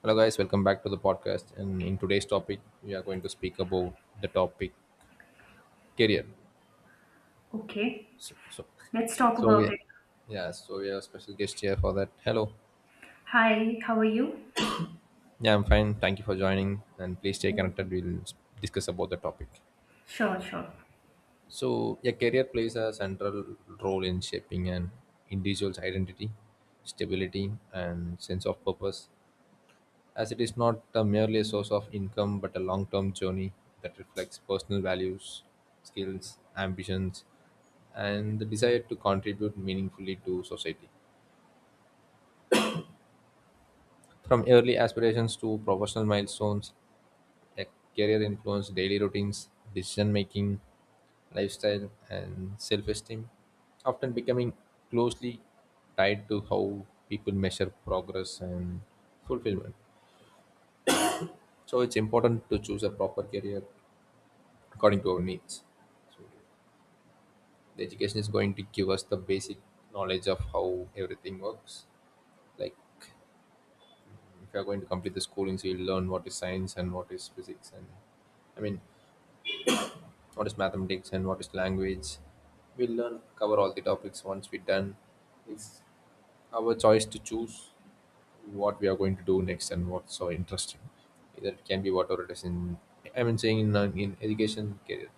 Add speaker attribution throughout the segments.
Speaker 1: Hello, guys. Welcome back to the podcast. And in today's topic, we are going to speak about the topic career.
Speaker 2: Okay,
Speaker 1: So, so,
Speaker 2: let's talk
Speaker 1: so yeah,
Speaker 2: about it.
Speaker 1: yeah. So we have a special guest here for that. Hello.
Speaker 2: Hi, how are you?
Speaker 1: Yeah, I'm fine. Thank you for joining. And please stay connected. Discuss about the topic.
Speaker 2: Sure, sure.
Speaker 1: So, yeah, career plays a central role in shaping an individual's identity, stability, and sense of purpose, as it is not a merely a source of income but a long term journey that reflects personal values, skills, ambitions, and the desire to contribute meaningfully to society. From early aspirations to professional milestones, a career influence daily routines, decision making, lifestyle, and self esteem, often becoming closely tied to how people measure progress and fulfillment. So, it's important to choose a proper career according to our needs. The education is going to give us the basic knowledge of how everything works, like if you're going to complete the schooling, so you'll learn what is science and what is physics, and i mean what is mathematics and what is language. We'll learn, cover all the topics once we're done. It's our choice to choose what we are going to do next and what's so interesting. Either it can be whatever it is in, saying in education career.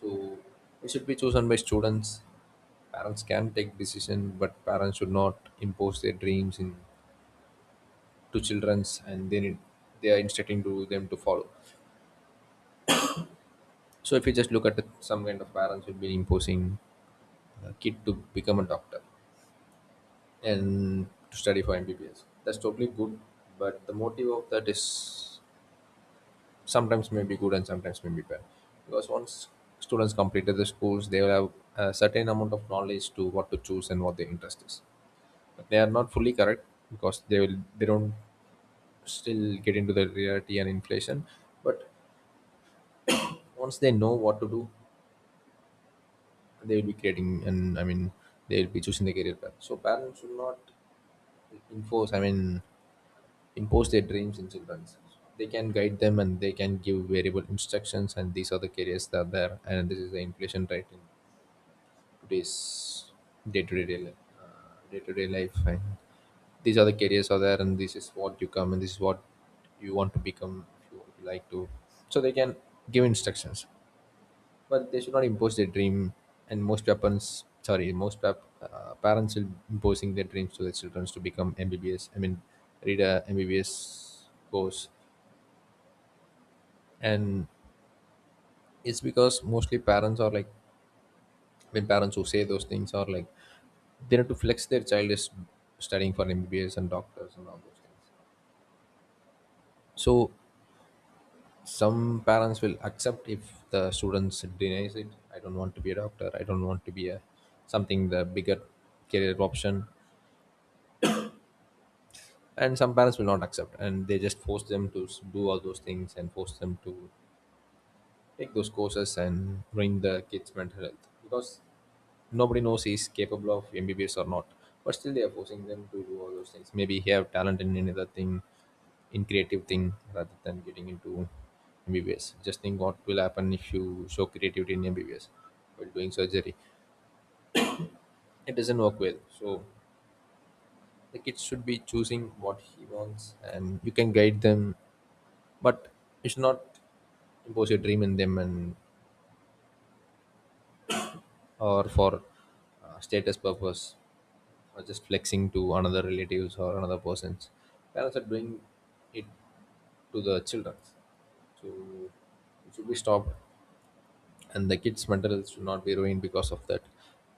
Speaker 1: So it should be chosen by students. Parents can take decision, but parents should not impose their dreams in to childrens, and they need, they are instructing to them to follow. So if you just look at it, some kind of parents will be imposing a kid to become a doctor and to study for MBBS. That's totally good, but the motive of that is sometimes may be good and sometimes may be bad. Because once students completed the schools, they will have a certain amount of knowledge to what to choose and what their interest is. They are not fully correct because they don't still get into the reality and inflation. But once they know what to do, they will be creating, and they will be choosing the career path. So parents should not enforce, impose their dreams in children. They can guide them, and they can give variable instructions, and these are the careers that are there, and this is the inflation rate in today's day-to-day life. These are the careers are there, and this is what you come, and this is what you want to become if you would like to. So they can give instructions, but they should not impose their dream. And most parents, sorry, parents are imposing their dreams to their children to become MBBS, read a MBBS course. And it's because mostly parents are like, I mean, parents who say those things are like, they need to flex their child is studying for MBBS and doctors and all those things. So some parents will accept if the students denies it. I don't want to be a doctor. I don't want to be a something, the bigger career option. And some parents will not accept, and they just force them to do all those things and force them to take those courses and ruin the kids' mental health, because nobody knows he's capable of MBBS or not. But still, they are forcing them to do all those things. Maybe he have talent in another thing, in creative thing rather than getting into MBBS. Just think what will happen if you show creativity in MBBS while doing surgery. It doesn't work well. So the kid should be choosing what he wants and you can guide them, but you should not impose your dream in them, and or for status purpose or just flexing to another relatives or another persons. Parents are doing it to the children. So it should be stopped, and the kids' mental health should not be ruined because of that.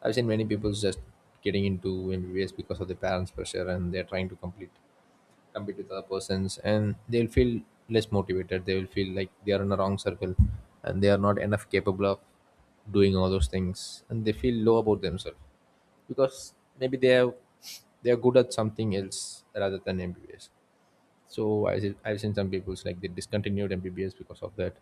Speaker 1: I've seen many people just getting into MBBS because of their parents' pressure, and they're trying to complete compete with other persons, and they'll feel less motivated. They will feel like they are in a wrong circle and they are not enough capable of doing all those things, and they feel low about themselves because maybe they are, they are good at something else rather than MBBS. So I've seen some people's like they discontinued MBBS because of that,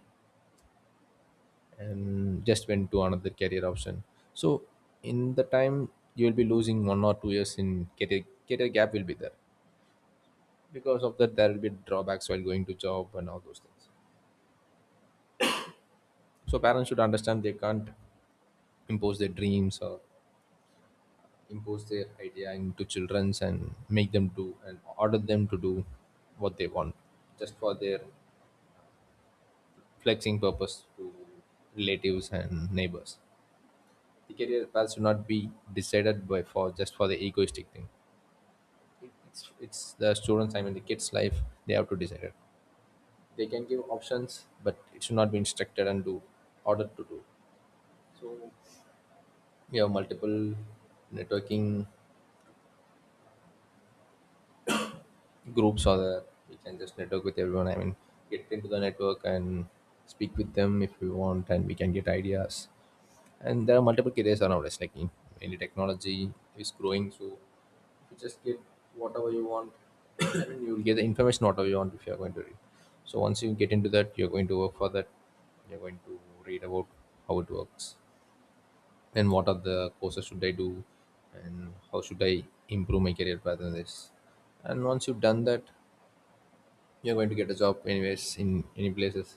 Speaker 1: and just went to another career option. So in the time you will be losing 1 or 2 years in career, career gap will be there. Because of that there will be drawbacks while going to job and all those things. So parents should understand they can't impose their dreams or impose their idea into children's, and make them do and order them to do what they want just for their flexing purpose to relatives and neighbors. The career path should not be decided by, for just for the egoistic thing. It's the students, the kids life. They have to decide it. They can give options, but it should not be instructed and do, ordered to do. So we have multiple networking groups, or the, we can just network with everyone, get into the network and speak with them if we want, and we can get ideas. And there are multiple careers around us, like in, any technology is growing, so you just get whatever you want. You'll get the information whatever you want if you're going to read. So once you get into that, you're going to work for that. You're going to read about how it works and what are the courses should I do and how should I improve my career path in this. And once you've done that, you're going to get a job anyways in any places.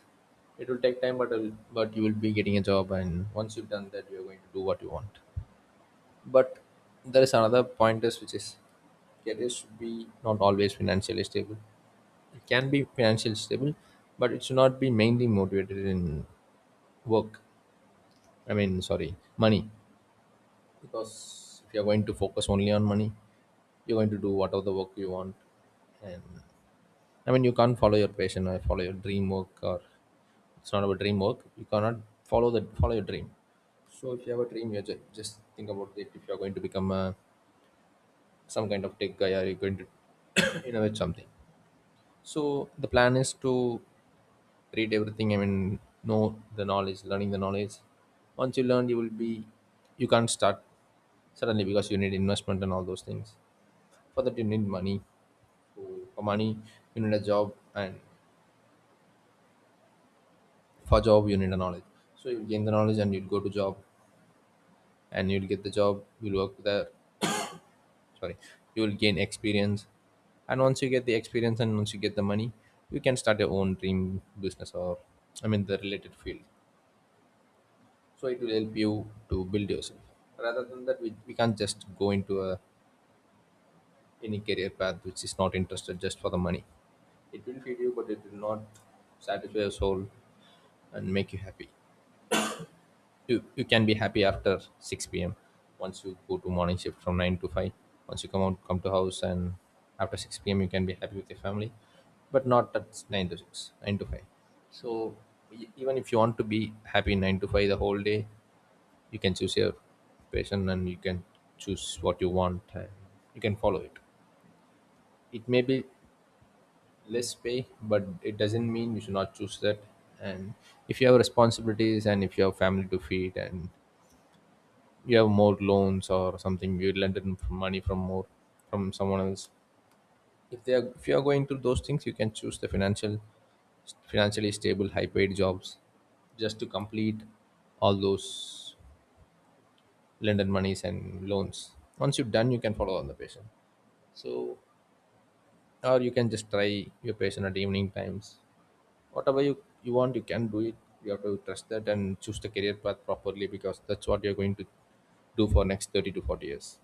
Speaker 1: It will take time, but you will be getting a job. And once you've done that, you're going to do what you want. But there is another point is, which is careers should be not always financially stable. It can be financially stable, but it should not be mainly motivated in work. I mean, sorry, money. Because if you're going to focus only on money, you're going to do whatever the work you want. And I mean, you can't follow your passion or follow your dream work, or it's not about dream work. You cannot follow your dream. So if you have a dream, you just think about it. If you're going to become a some kind of tech guy, or you're going to innovate something, so the plan is to read everything, know the knowledge, learning the knowledge. Once you learn, you will be, you can't start suddenly because you need investment and all those things. For that you need money. So for money you need a job, and for job you need a knowledge. So you'll gain the knowledge and you'll go to job, and you'll get the job, you'll work there. Sorry, you will gain experience. And once you get the experience and once you get the money, you can start your own dream business, or the related field. So it will help you to build yourself. Rather than that, we can't just go into a any career path which is not interested just for the money. It will feed you but it will not satisfy your soul and make you happy. You can be happy after 6 p.m. Once you go to morning shift from 9 to 5, once you come out, come to house, and after 6 p.m. you can be happy with your family, but not at 9 to 6, 9 to 5. So even if you want to be happy 9 to 5 the whole day, you can choose your passion, and you can choose what you want, and you can follow it. It may be less pay, but it doesn't mean you should not choose that. And if you have responsibilities, and if you have family to feed, and you have more loans or something you lend it from money from more, from someone else, if they are, if you are going through those things, you can choose the financially stable high paid jobs just to complete all those lended monies and loans. Once you've done, you can follow on the patient. So, or you can just try your patient at evening times. Whatever you want you can do it. You have to trust that and choose the career path properly because that's what you're going to do for next 30 to 40 years.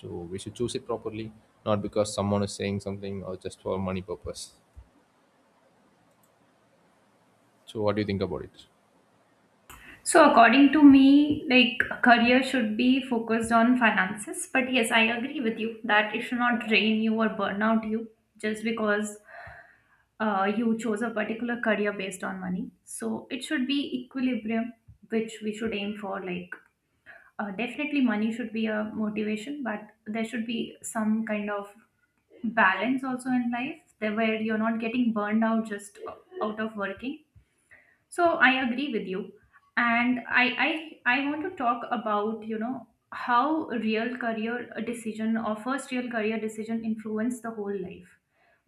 Speaker 1: So we should choose it properly, not because someone is saying something or just for money purpose. So what do you think about it?
Speaker 2: So, according to me, like a career should be focused on finances, but yes, I agree with you that it should not drain you or burn out you just because you chose a particular career based on money. So, it should be equilibrium, which we should aim for, like definitely money should be a motivation, but there should be some kind of balance also in life there where you're not getting burned out just out of working, so I agree with you. And I want to talk about, you know, how a real career decision or first real career decision influence the whole life.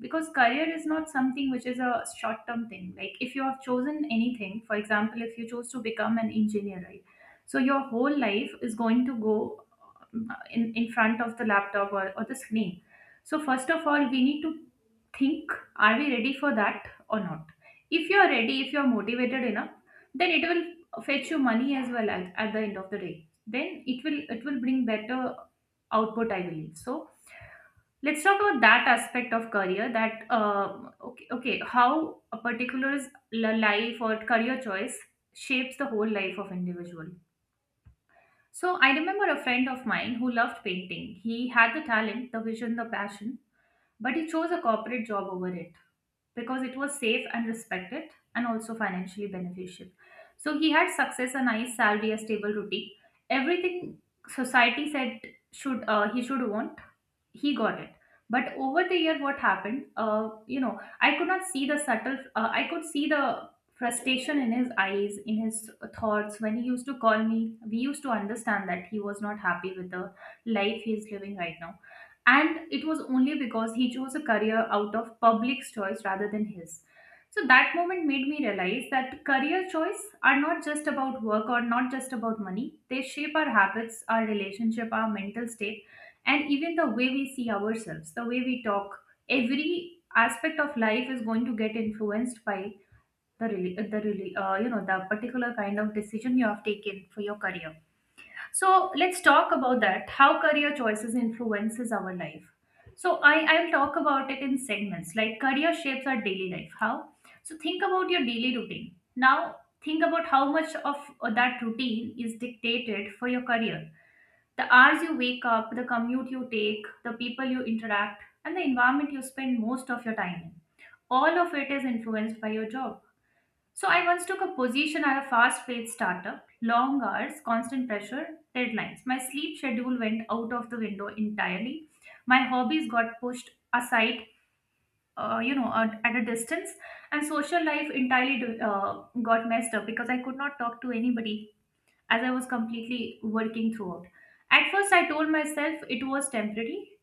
Speaker 2: Because career is not something which is a short term thing. Like if you have chosen anything, for example, if you choose to become an engineer, right? So your whole life is going to go in front of the laptop, or the screen. So first of all, we need to think, are we ready for that or not? If you're ready, if you're motivated enough, then it will fetch you money as well at the end of the day, then it will bring better output, I believe. So let's talk about that aspect of career. Okay, how a particular life or career choice shapes the whole life of individual. So I remember a friend of mine who loved painting. He had the talent, the vision, the passion, but he chose a corporate job over it because it was safe and respected, and also financially beneficial. So he had success, a nice salary, a stable routine, everything society said should he should want, he got it. But over the year, what happened, you know, I could not see the subtle I could see the frustration in his eyes, in his thoughts. When he used to call me, we used to understand that he was not happy with the life he is living right now, and it was only because he chose a career out of public's choice rather than his. So that moment made me realize that career choice are not just about work or not just about money. They shape our habits, our relationship, our mental state, and even the way we see ourselves, the way we talk. Every aspect of life is going to get influenced by the really you know, the particular kind of decision you have taken for your career. So let's talk about that, how career choices influences our life. So I'll talk about it in segments. Like, career shapes our daily life. How? So think about your daily routine. Now think about how much of that routine is dictated for your career. The hours you wake up, the commute you take, the people you interact, and the environment you spend most of your time in. All of it is influenced by your job. So, I once took a position at a fast paced startup, long hours, constant pressure, deadlines. My sleep schedule went out of the window entirely. My hobbies got pushed aside, you know, at a distance, and social life entirely got messed up because I could not talk to anybody as I was completely working throughout. At first, I told myself it was temporary,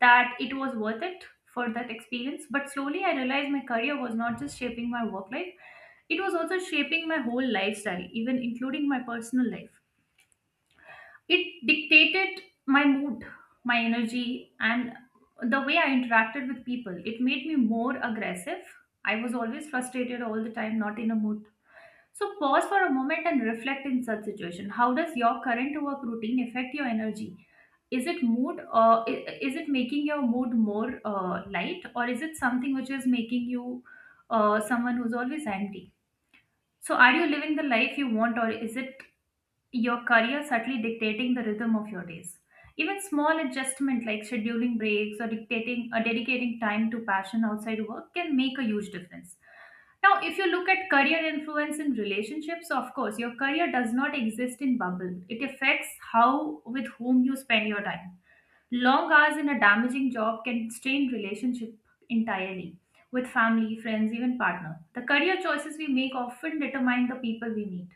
Speaker 2: that it was worth it for that experience, but slowly I realized my career was not just shaping my work life, it was also shaping my whole lifestyle, even including my personal life. It dictated my mood, my energy, and the way I interacted with people. It made me more aggressive. I was always frustrated all the time, not in a mood. So pause for a moment and reflect in such situation. How does your current work routine affect your energy? Is it mood, or is it making your mood more light, or is it something which is making you someone who's always angry? So are you living the life you want, or is it your career subtly dictating the rhythm of your days? Even small adjustment like scheduling breaks or dictating or dedicating time to passion outside work can make a huge difference. Now, if you look at career influence in relationships, of course, your career does not exist in bubble. It affects how, with whom you spend your time. Long hours in a damaging job can strain relationship entirely with family, friends, even partner. The career choices we make often determine the people we meet,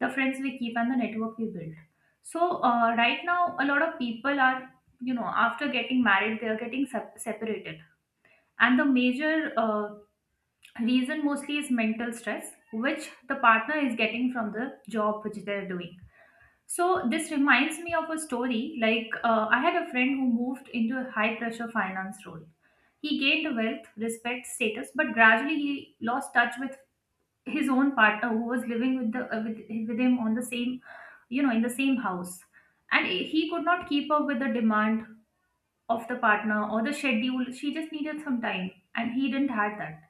Speaker 2: the friends we keep, and the network we build. So right now, a lot of people are, you know, after getting married, they are getting separated, and the major reason mostly is mental stress, which the partner is getting from the job which they are doing. So this reminds me of a story. Like, I had a friend who moved into a high pressure finance role. He gained wealth, respect, status, but gradually he lost touch with his own partner, who was living with the with him on the same, you know, in the same house. And he could not keep up with the demand of the partner or the schedule. She just needed some time, and he didn't have that.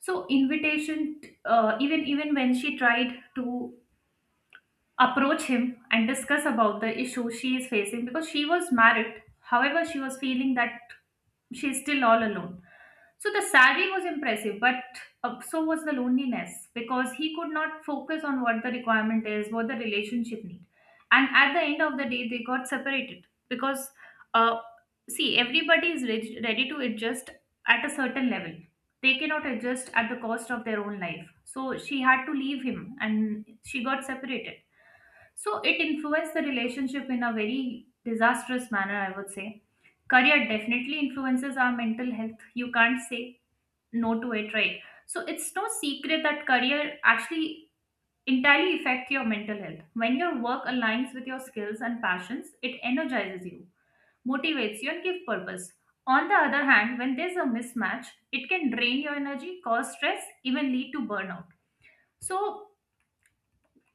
Speaker 2: So invitation, even when she tried to approach him and discuss about the issue she is facing, because she was married. However, she was feeling that she is still all alone. So the salary was impressive, but so was the loneliness, because he could not focus on what the requirement is, what the relationship need. And at the end of the day, they got separated because, uh, see, everybody is ready to adjust at a certain level. They cannot adjust at the cost of their own life. So she had to leave him and she got separated. So it influenced the relationship in a very disastrous manner, I would say. Career definitely influences our mental health. You can't say no to it, right? So it's no secret that career actually entirely affects your mental health. When your work aligns with your skills and passions, it energizes you, motivates you, and gives purpose. On the other hand, when there's a mismatch, it can drain your energy, cause stress, even lead to burnout. So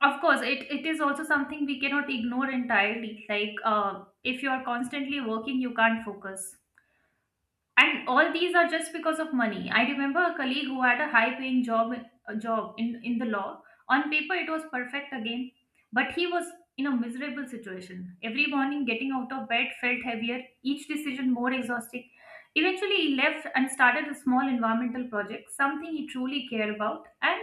Speaker 2: of course, it is also something we cannot ignore entirely. Like, if you are constantly working, you can't focus. And all these are just because of money. I remember a colleague who had a high paying job, a job in the law. On paper, it was perfect again, but he was in a miserable situation. Every morning, getting out of bed felt heavier, each decision more exhausting. Eventually, he left and started a small environmental project, something he truly cared about. And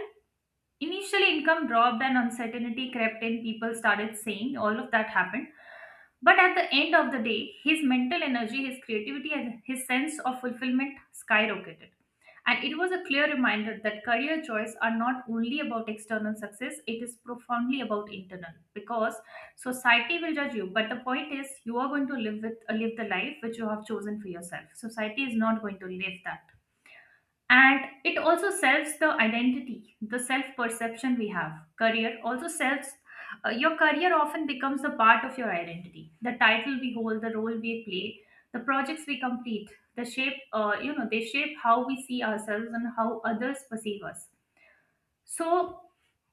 Speaker 2: initially, income dropped and uncertainty crept in. People started saying all of that happened. But at the end of the day, his mental energy, his creativity, and his sense of fulfillment skyrocketed. And it was a clear reminder that career choice are not only about external success, it is profoundly about internal. Because society will judge you, but the point is you are going to live the life which you have chosen for yourself. Society is not going to live that. And it also sells the identity, the self perception we have. Career also sells. Uh, your career often becomes a part of your identity. The title we hold, the role we play, the projects we complete, the shape, you know, they shape how we see ourselves and how others perceive us. So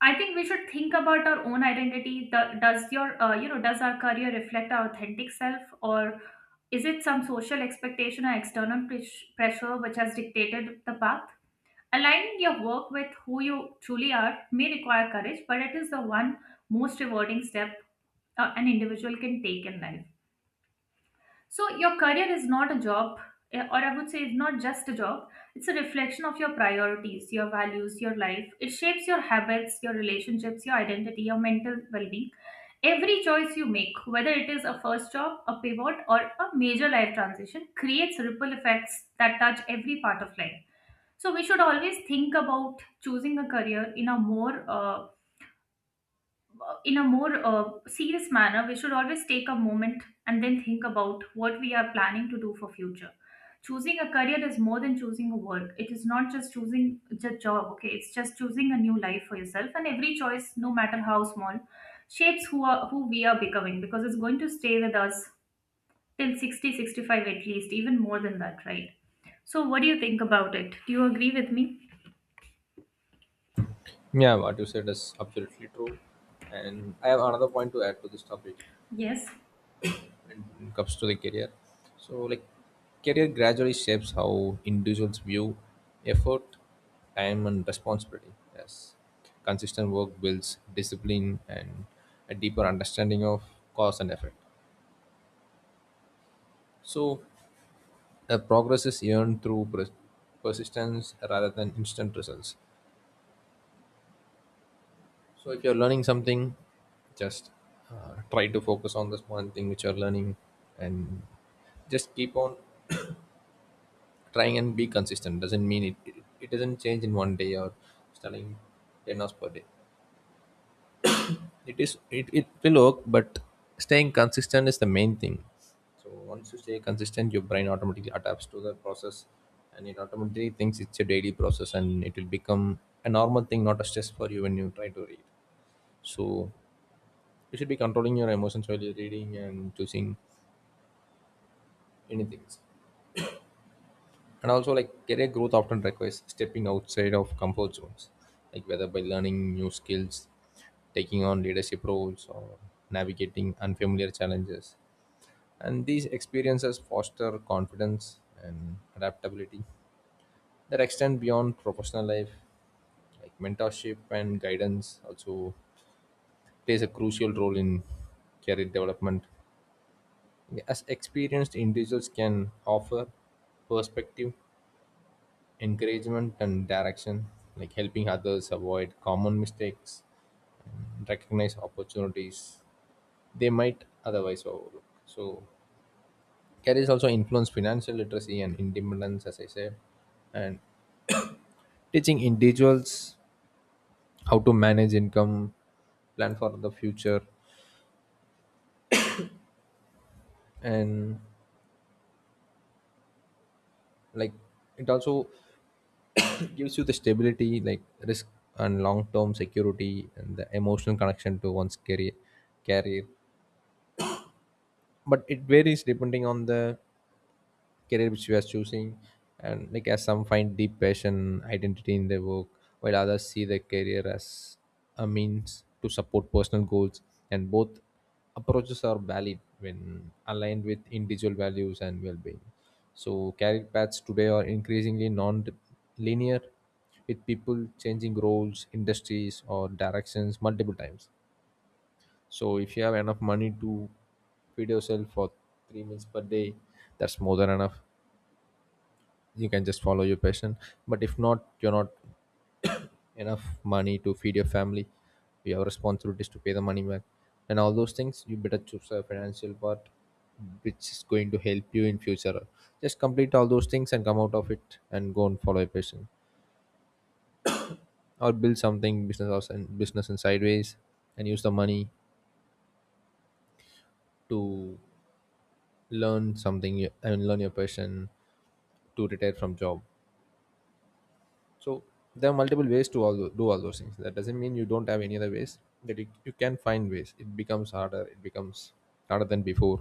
Speaker 2: I think we should think about our own identity. Does your, you know, does our career reflect our authentic self, or is it some social expectation or external pressure which has dictated the path? Aligning your work with who you truly are may require courage, but it is the one most rewarding step an individual can take in life. So, your career is not a job, or I would say it's not just a job, it's a reflection of your priorities, your values, your life. It shapes your habits, your relationships, your identity, your mental well being. Every choice you make, whether it is a first job, a pivot, or a major life transition, creates ripple effects that touch every part of life. So we should always think about choosing a career in a more serious manner. We should always take a moment and then think about what we are planning to do for future. Choosing a career is more than choosing a work. It is not just choosing a job. Okay, it's just choosing a new life for yourself. And every choice, no matter how small, shapes who we are becoming, because it's going to stay with us till 60, 65 at least, even more than that, right? So, what do you think about it? Do you agree with me?
Speaker 1: Yeah, what you said is absolutely true. And I have another point to add to this topic
Speaker 2: Yes.
Speaker 1: when it comes to the career. So like career gradually shapes how individuals view effort, time and responsibility. Yes. Consistent work builds discipline and a deeper understanding of cause and effect. So progress is earned through persistence rather than instant results. So if you're learning something, just try to focus on this one thing which you're learning, and just keep on trying and be consistent. Doesn't mean it doesn't change in one day, or studying 10 hours per day, it will work, but staying consistent is the main thing. So once you stay consistent, your brain automatically adapts to the process, and it automatically thinks it's a daily process, and it will become a normal thing, not a stress for you when you try to read. So you should be controlling your emotions while you're reading and choosing any things. And also, like, career growth often requires stepping outside of comfort zones, like whether by learning new skills, taking on leadership roles, or navigating unfamiliar challenges, and these experiences foster confidence and adaptability that extend beyond professional life. Like mentorship and guidance also plays a crucial role in career development, as experienced individuals can offer perspective, encouragement and direction, like helping others avoid common mistakes and recognize opportunities they might otherwise overlook. So careers also influence financial literacy and independence, as I said, and teaching individuals how to manage income, plan for the future, and, like, it also gives you the stability, like risk and long term security, and the emotional connection to one's career. But it varies depending on the career which we are choosing. And like, as some find deep passion identity in their work while others see their career as a means to support personal goals, and both approaches are valid when aligned with individual values and well-being. So career paths today are increasingly non-linear, with people changing roles, industries or directions multiple times. So if you have enough money to feed yourself for three meals per day, that's more than enough. You can just follow your passion. But if not, you're not enough money to feed your family. You have responsibilities to pay the money back, and all those things. You better choose a financial part, which is going to help you in future. Just complete all those things and come out of it and go and follow your passion, or build something business and business in sideways, and use the money to learn something and learn your passion to retire from job. So there are multiple ways to do all those things. That doesn't mean you don't have any other ways. That You can find ways. It becomes harder, it becomes harder than before.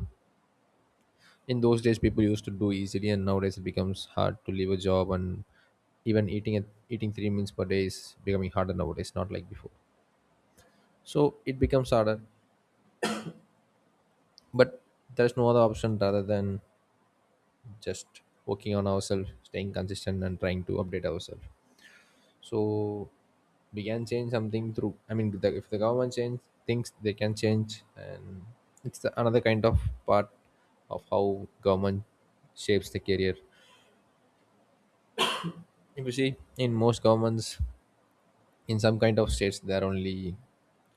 Speaker 1: In those days people used to do easily, and nowadays it becomes hard to leave a job, and even eating three meals per day is becoming harder nowadays, not like before. So it becomes harder. But there's no other option rather than just working on ourselves, staying consistent and trying to update ourselves. So we can change something through, I mean, if the government change things they can change. And it's another kind of part of how government shapes the career. If you see in most governments, in some kind of states there are only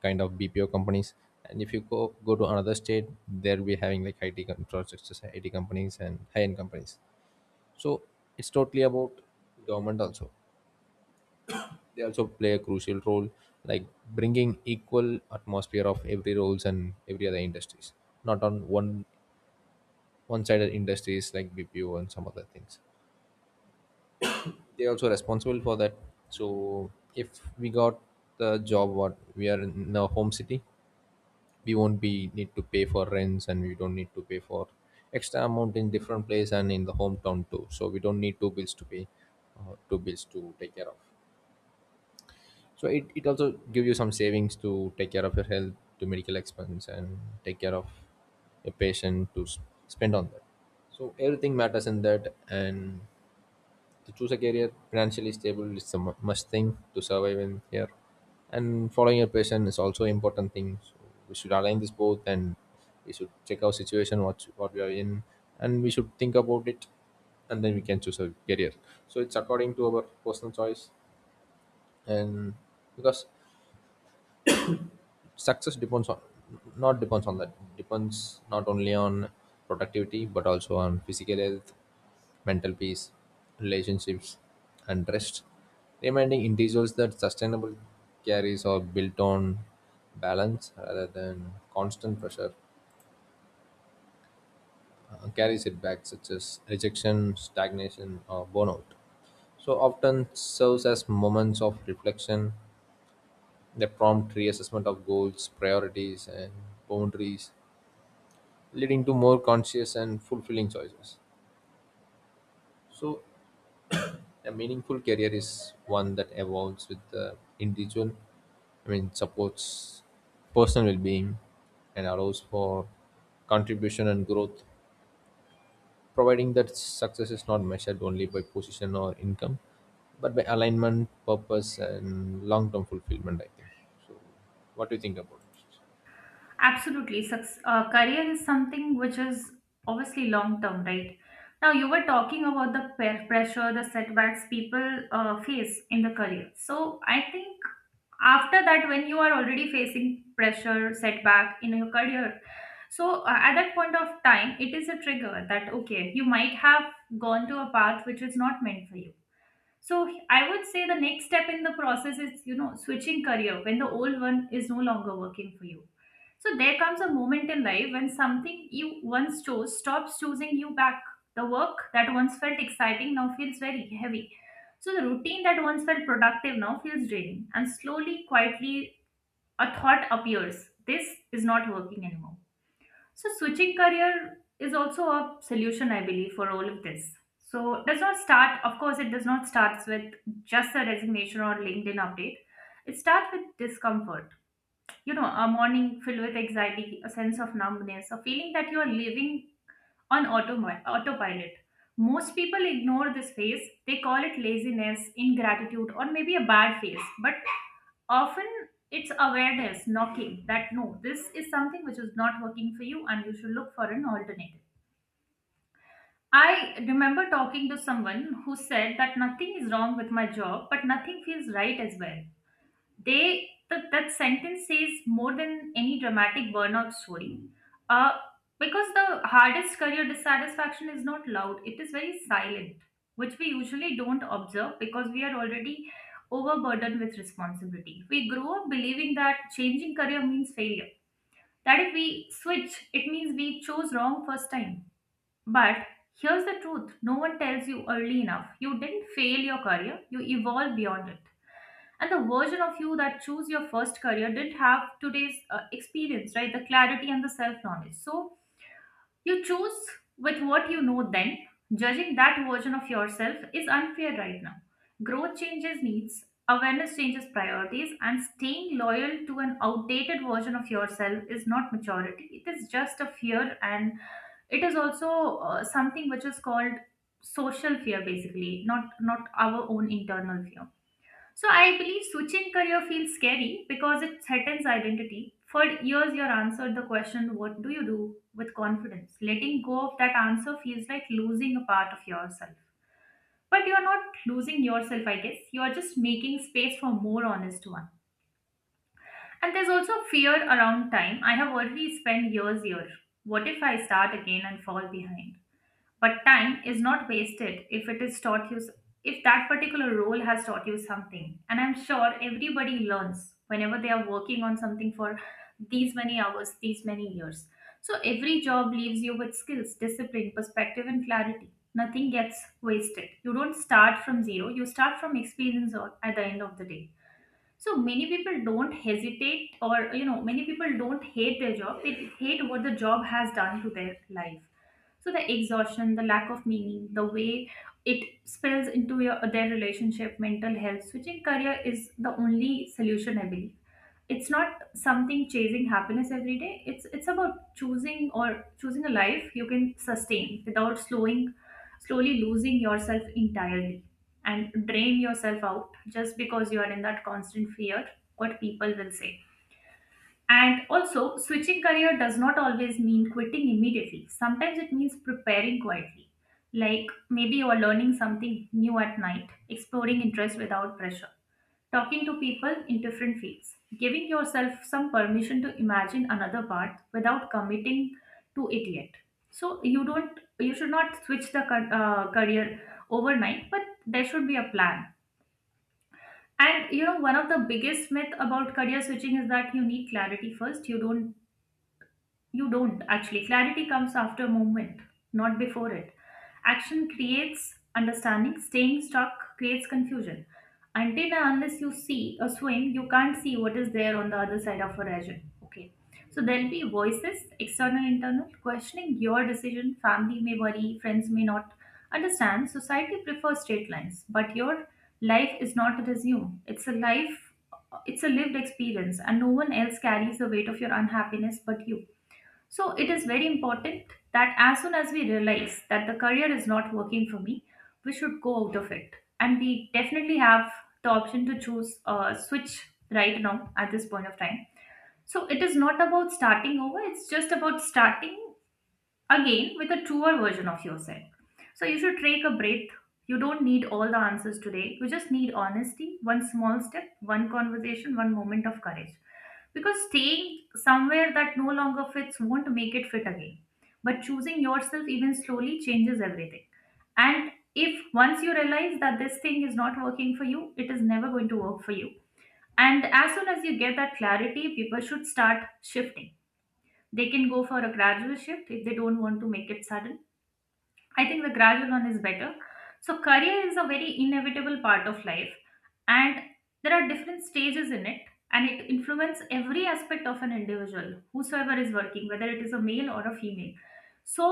Speaker 1: kind of BPO companies, and if you go to another state, they'll be having like infrastructure IT companies and high-end companies. So it's totally about government also. They also play a crucial role, like bringing equal atmosphere of every roles and every other industries, not on one-sided industries like BPO and some other things. They're also responsible for that. So if we got the job, what we are in a home city, we won't be need to pay for rents, and we don't need to pay for extra amount in different place and in the hometown too. So we don't need two bills to pay, two bills to take care of. So it also give you some savings to take care of your health, to medical expense, and take care of your patient to spend on that. So everything matters in that. And to choose a career financially stable is a must thing to survive in here. And following your passion is also important thing. So we should align this both, and we should check our situation, what we are in, and we should think about it, and then we can choose a career. So it's according to our personal choice. And because success depends on, not depends on that, depends not only on productivity but also on physical health, mental peace, relationships, and rest. Reminding individuals that sustainable carries are built on balance rather than constant pressure. Carries it back, such as rejection, stagnation, or burnout. So often serves as moments of reflection, they prompt reassessment of goals, priorities, and boundaries, leading to more conscious and fulfilling choices. So a meaningful career is one that evolves with the individual. I mean, supports personal well-being and allows for contribution and growth, providing that success is not measured only by position or income, but by alignment, purpose, and long-term fulfillment, I think. So, what do you think about it?
Speaker 2: Absolutely. Career is something which is obviously long term, right? Now, you were talking about the pressure, the setbacks people face in the career. So, I think after that, when you are already facing pressure, setback in your career, so at that point of time, it is a trigger that, okay, you might have gone to a path which is not meant for you. So I would say the next step in the process is, you know, switching career when the old one is no longer working for you. So there comes a moment in life when something you once chose stops choosing you back. The work that once felt exciting now feels very heavy. So the routine that once felt productive now feels draining. And slowly, quietly, a thought appears: this is not working anymore. So switching career is also a solution, I believe, for all of this. So it does not start, of course, it does not start with just a resignation or LinkedIn update. It starts with discomfort, you know, a morning filled with anxiety, a sense of numbness, a feeling that you are living on autopilot. Most people ignore this phase. They call it laziness, ingratitude, or maybe a bad phase. But often it's awareness knocking that no, this is something which is not working for you and you should look for an alternative. I remember talking to someone who said that nothing is wrong with my job, but nothing feels right as well. That sentence says more than any dramatic burnout story, uh, because the hardest career dissatisfaction is not loud, it is very silent, which we usually don't observe because we are already overburdened with responsibility. We grow up believing that changing career means failure, that if we switch, it means we chose wrong first time. But here's the truth no one tells you early enough: you didn't fail your career, you evolved beyond it. And the version of you that chose your first career didn't have today's experience, right, the clarity and the self knowledge. So you choose with what you know then. Judging that version of yourself is unfair right now. Growth changes needs, awareness changes priorities, and staying loyal to an outdated version of yourself is not maturity, it is just a fear. And it is also something which is called social fear, basically, not our own internal fear. So I believe switching career feels scary because it threatens identity. For years, you answered the question, "What do you do?" with confidence. Letting go of that answer feels like losing a part of yourself. But you're not losing yourself, I guess. You're just making space for more honest one. And there's also fear around time. I have already spent years here. What if I start again and fall behind? But time is not wasted if it is taught you, if that particular role has taught you something. And I'm sure everybody learns whenever they are working on something for these many hours, these many years. So every job leaves you with skills, discipline, perspective, and clarity. Nothing gets wasted. You don't start from zero, you start from experience at the end of the day. So many people don't hesitate, or you know, many people don't hate their job, they hate what the job has done to their life. So the exhaustion, the lack of meaning, the way it spills into your their relationship, mental health, switching career is the only solution, I believe. It's not something chasing happiness every day, it's about choosing, or choosing a life you can sustain without slowing slowly losing yourself entirely, and drain yourself out just because you are in that constant fear what people will say. And also, switching career does not always mean quitting immediately. Sometimes it means preparing quietly, like maybe you are learning something new at night, exploring interest without pressure, talking to people in different fields, giving yourself some permission to imagine another path without committing to it yet. So you don't, you should not switch the career overnight, but there should be a plan. And you know, one of the biggest myth about career switching is that you need clarity first. You don't actually. Clarity comes after movement, not before it. Action creates understanding, staying stuck creates confusion. Until and unless you see a swim, you can't see what is there on the other side of horizon. Okay. So there'll be voices, external, internal, questioning your decision. Family may worry, friends may not understand. Society prefers straight lines, but your life is not a resume. It's a life, it's a lived experience, and no one else carries the weight of your unhappiness but you. So it is very important that as soon as we realize that the career is not working for me, we should go out of it. And we definitely have the option to choose switch right now at this point of time. So it is not about starting over, it's just about starting again with a truer version of yourself. So you should take a breath. You don't need all the answers today. You just need honesty, one small step, one conversation, one moment of courage. Because staying somewhere that no longer fits won't make it fit again. But choosing yourself, even slowly, changes everything. And if once you realize that this thing is not working for you, it is never going to work for you. And as soon as you get that clarity, people should start shifting. They can go for a gradual shift if they don't want to make it sudden. I think the gradual one is better. So career is a very inevitable part of life, and there are different stages in it, and it influences every aspect of an individual whosoever is working, whether it is a male or a female. So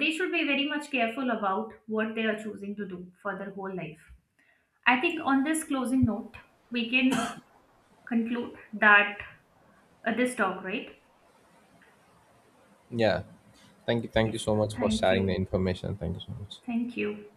Speaker 2: they should be very much careful about what they are choosing to do for their whole life. I think on this closing note, we can conclude that, this talk, right?
Speaker 1: Yeah, thank you. Thank you
Speaker 2: Yes,
Speaker 1: so much for
Speaker 2: thank
Speaker 1: sharing the
Speaker 2: you,
Speaker 1: information. Thank you so much.
Speaker 2: thank you.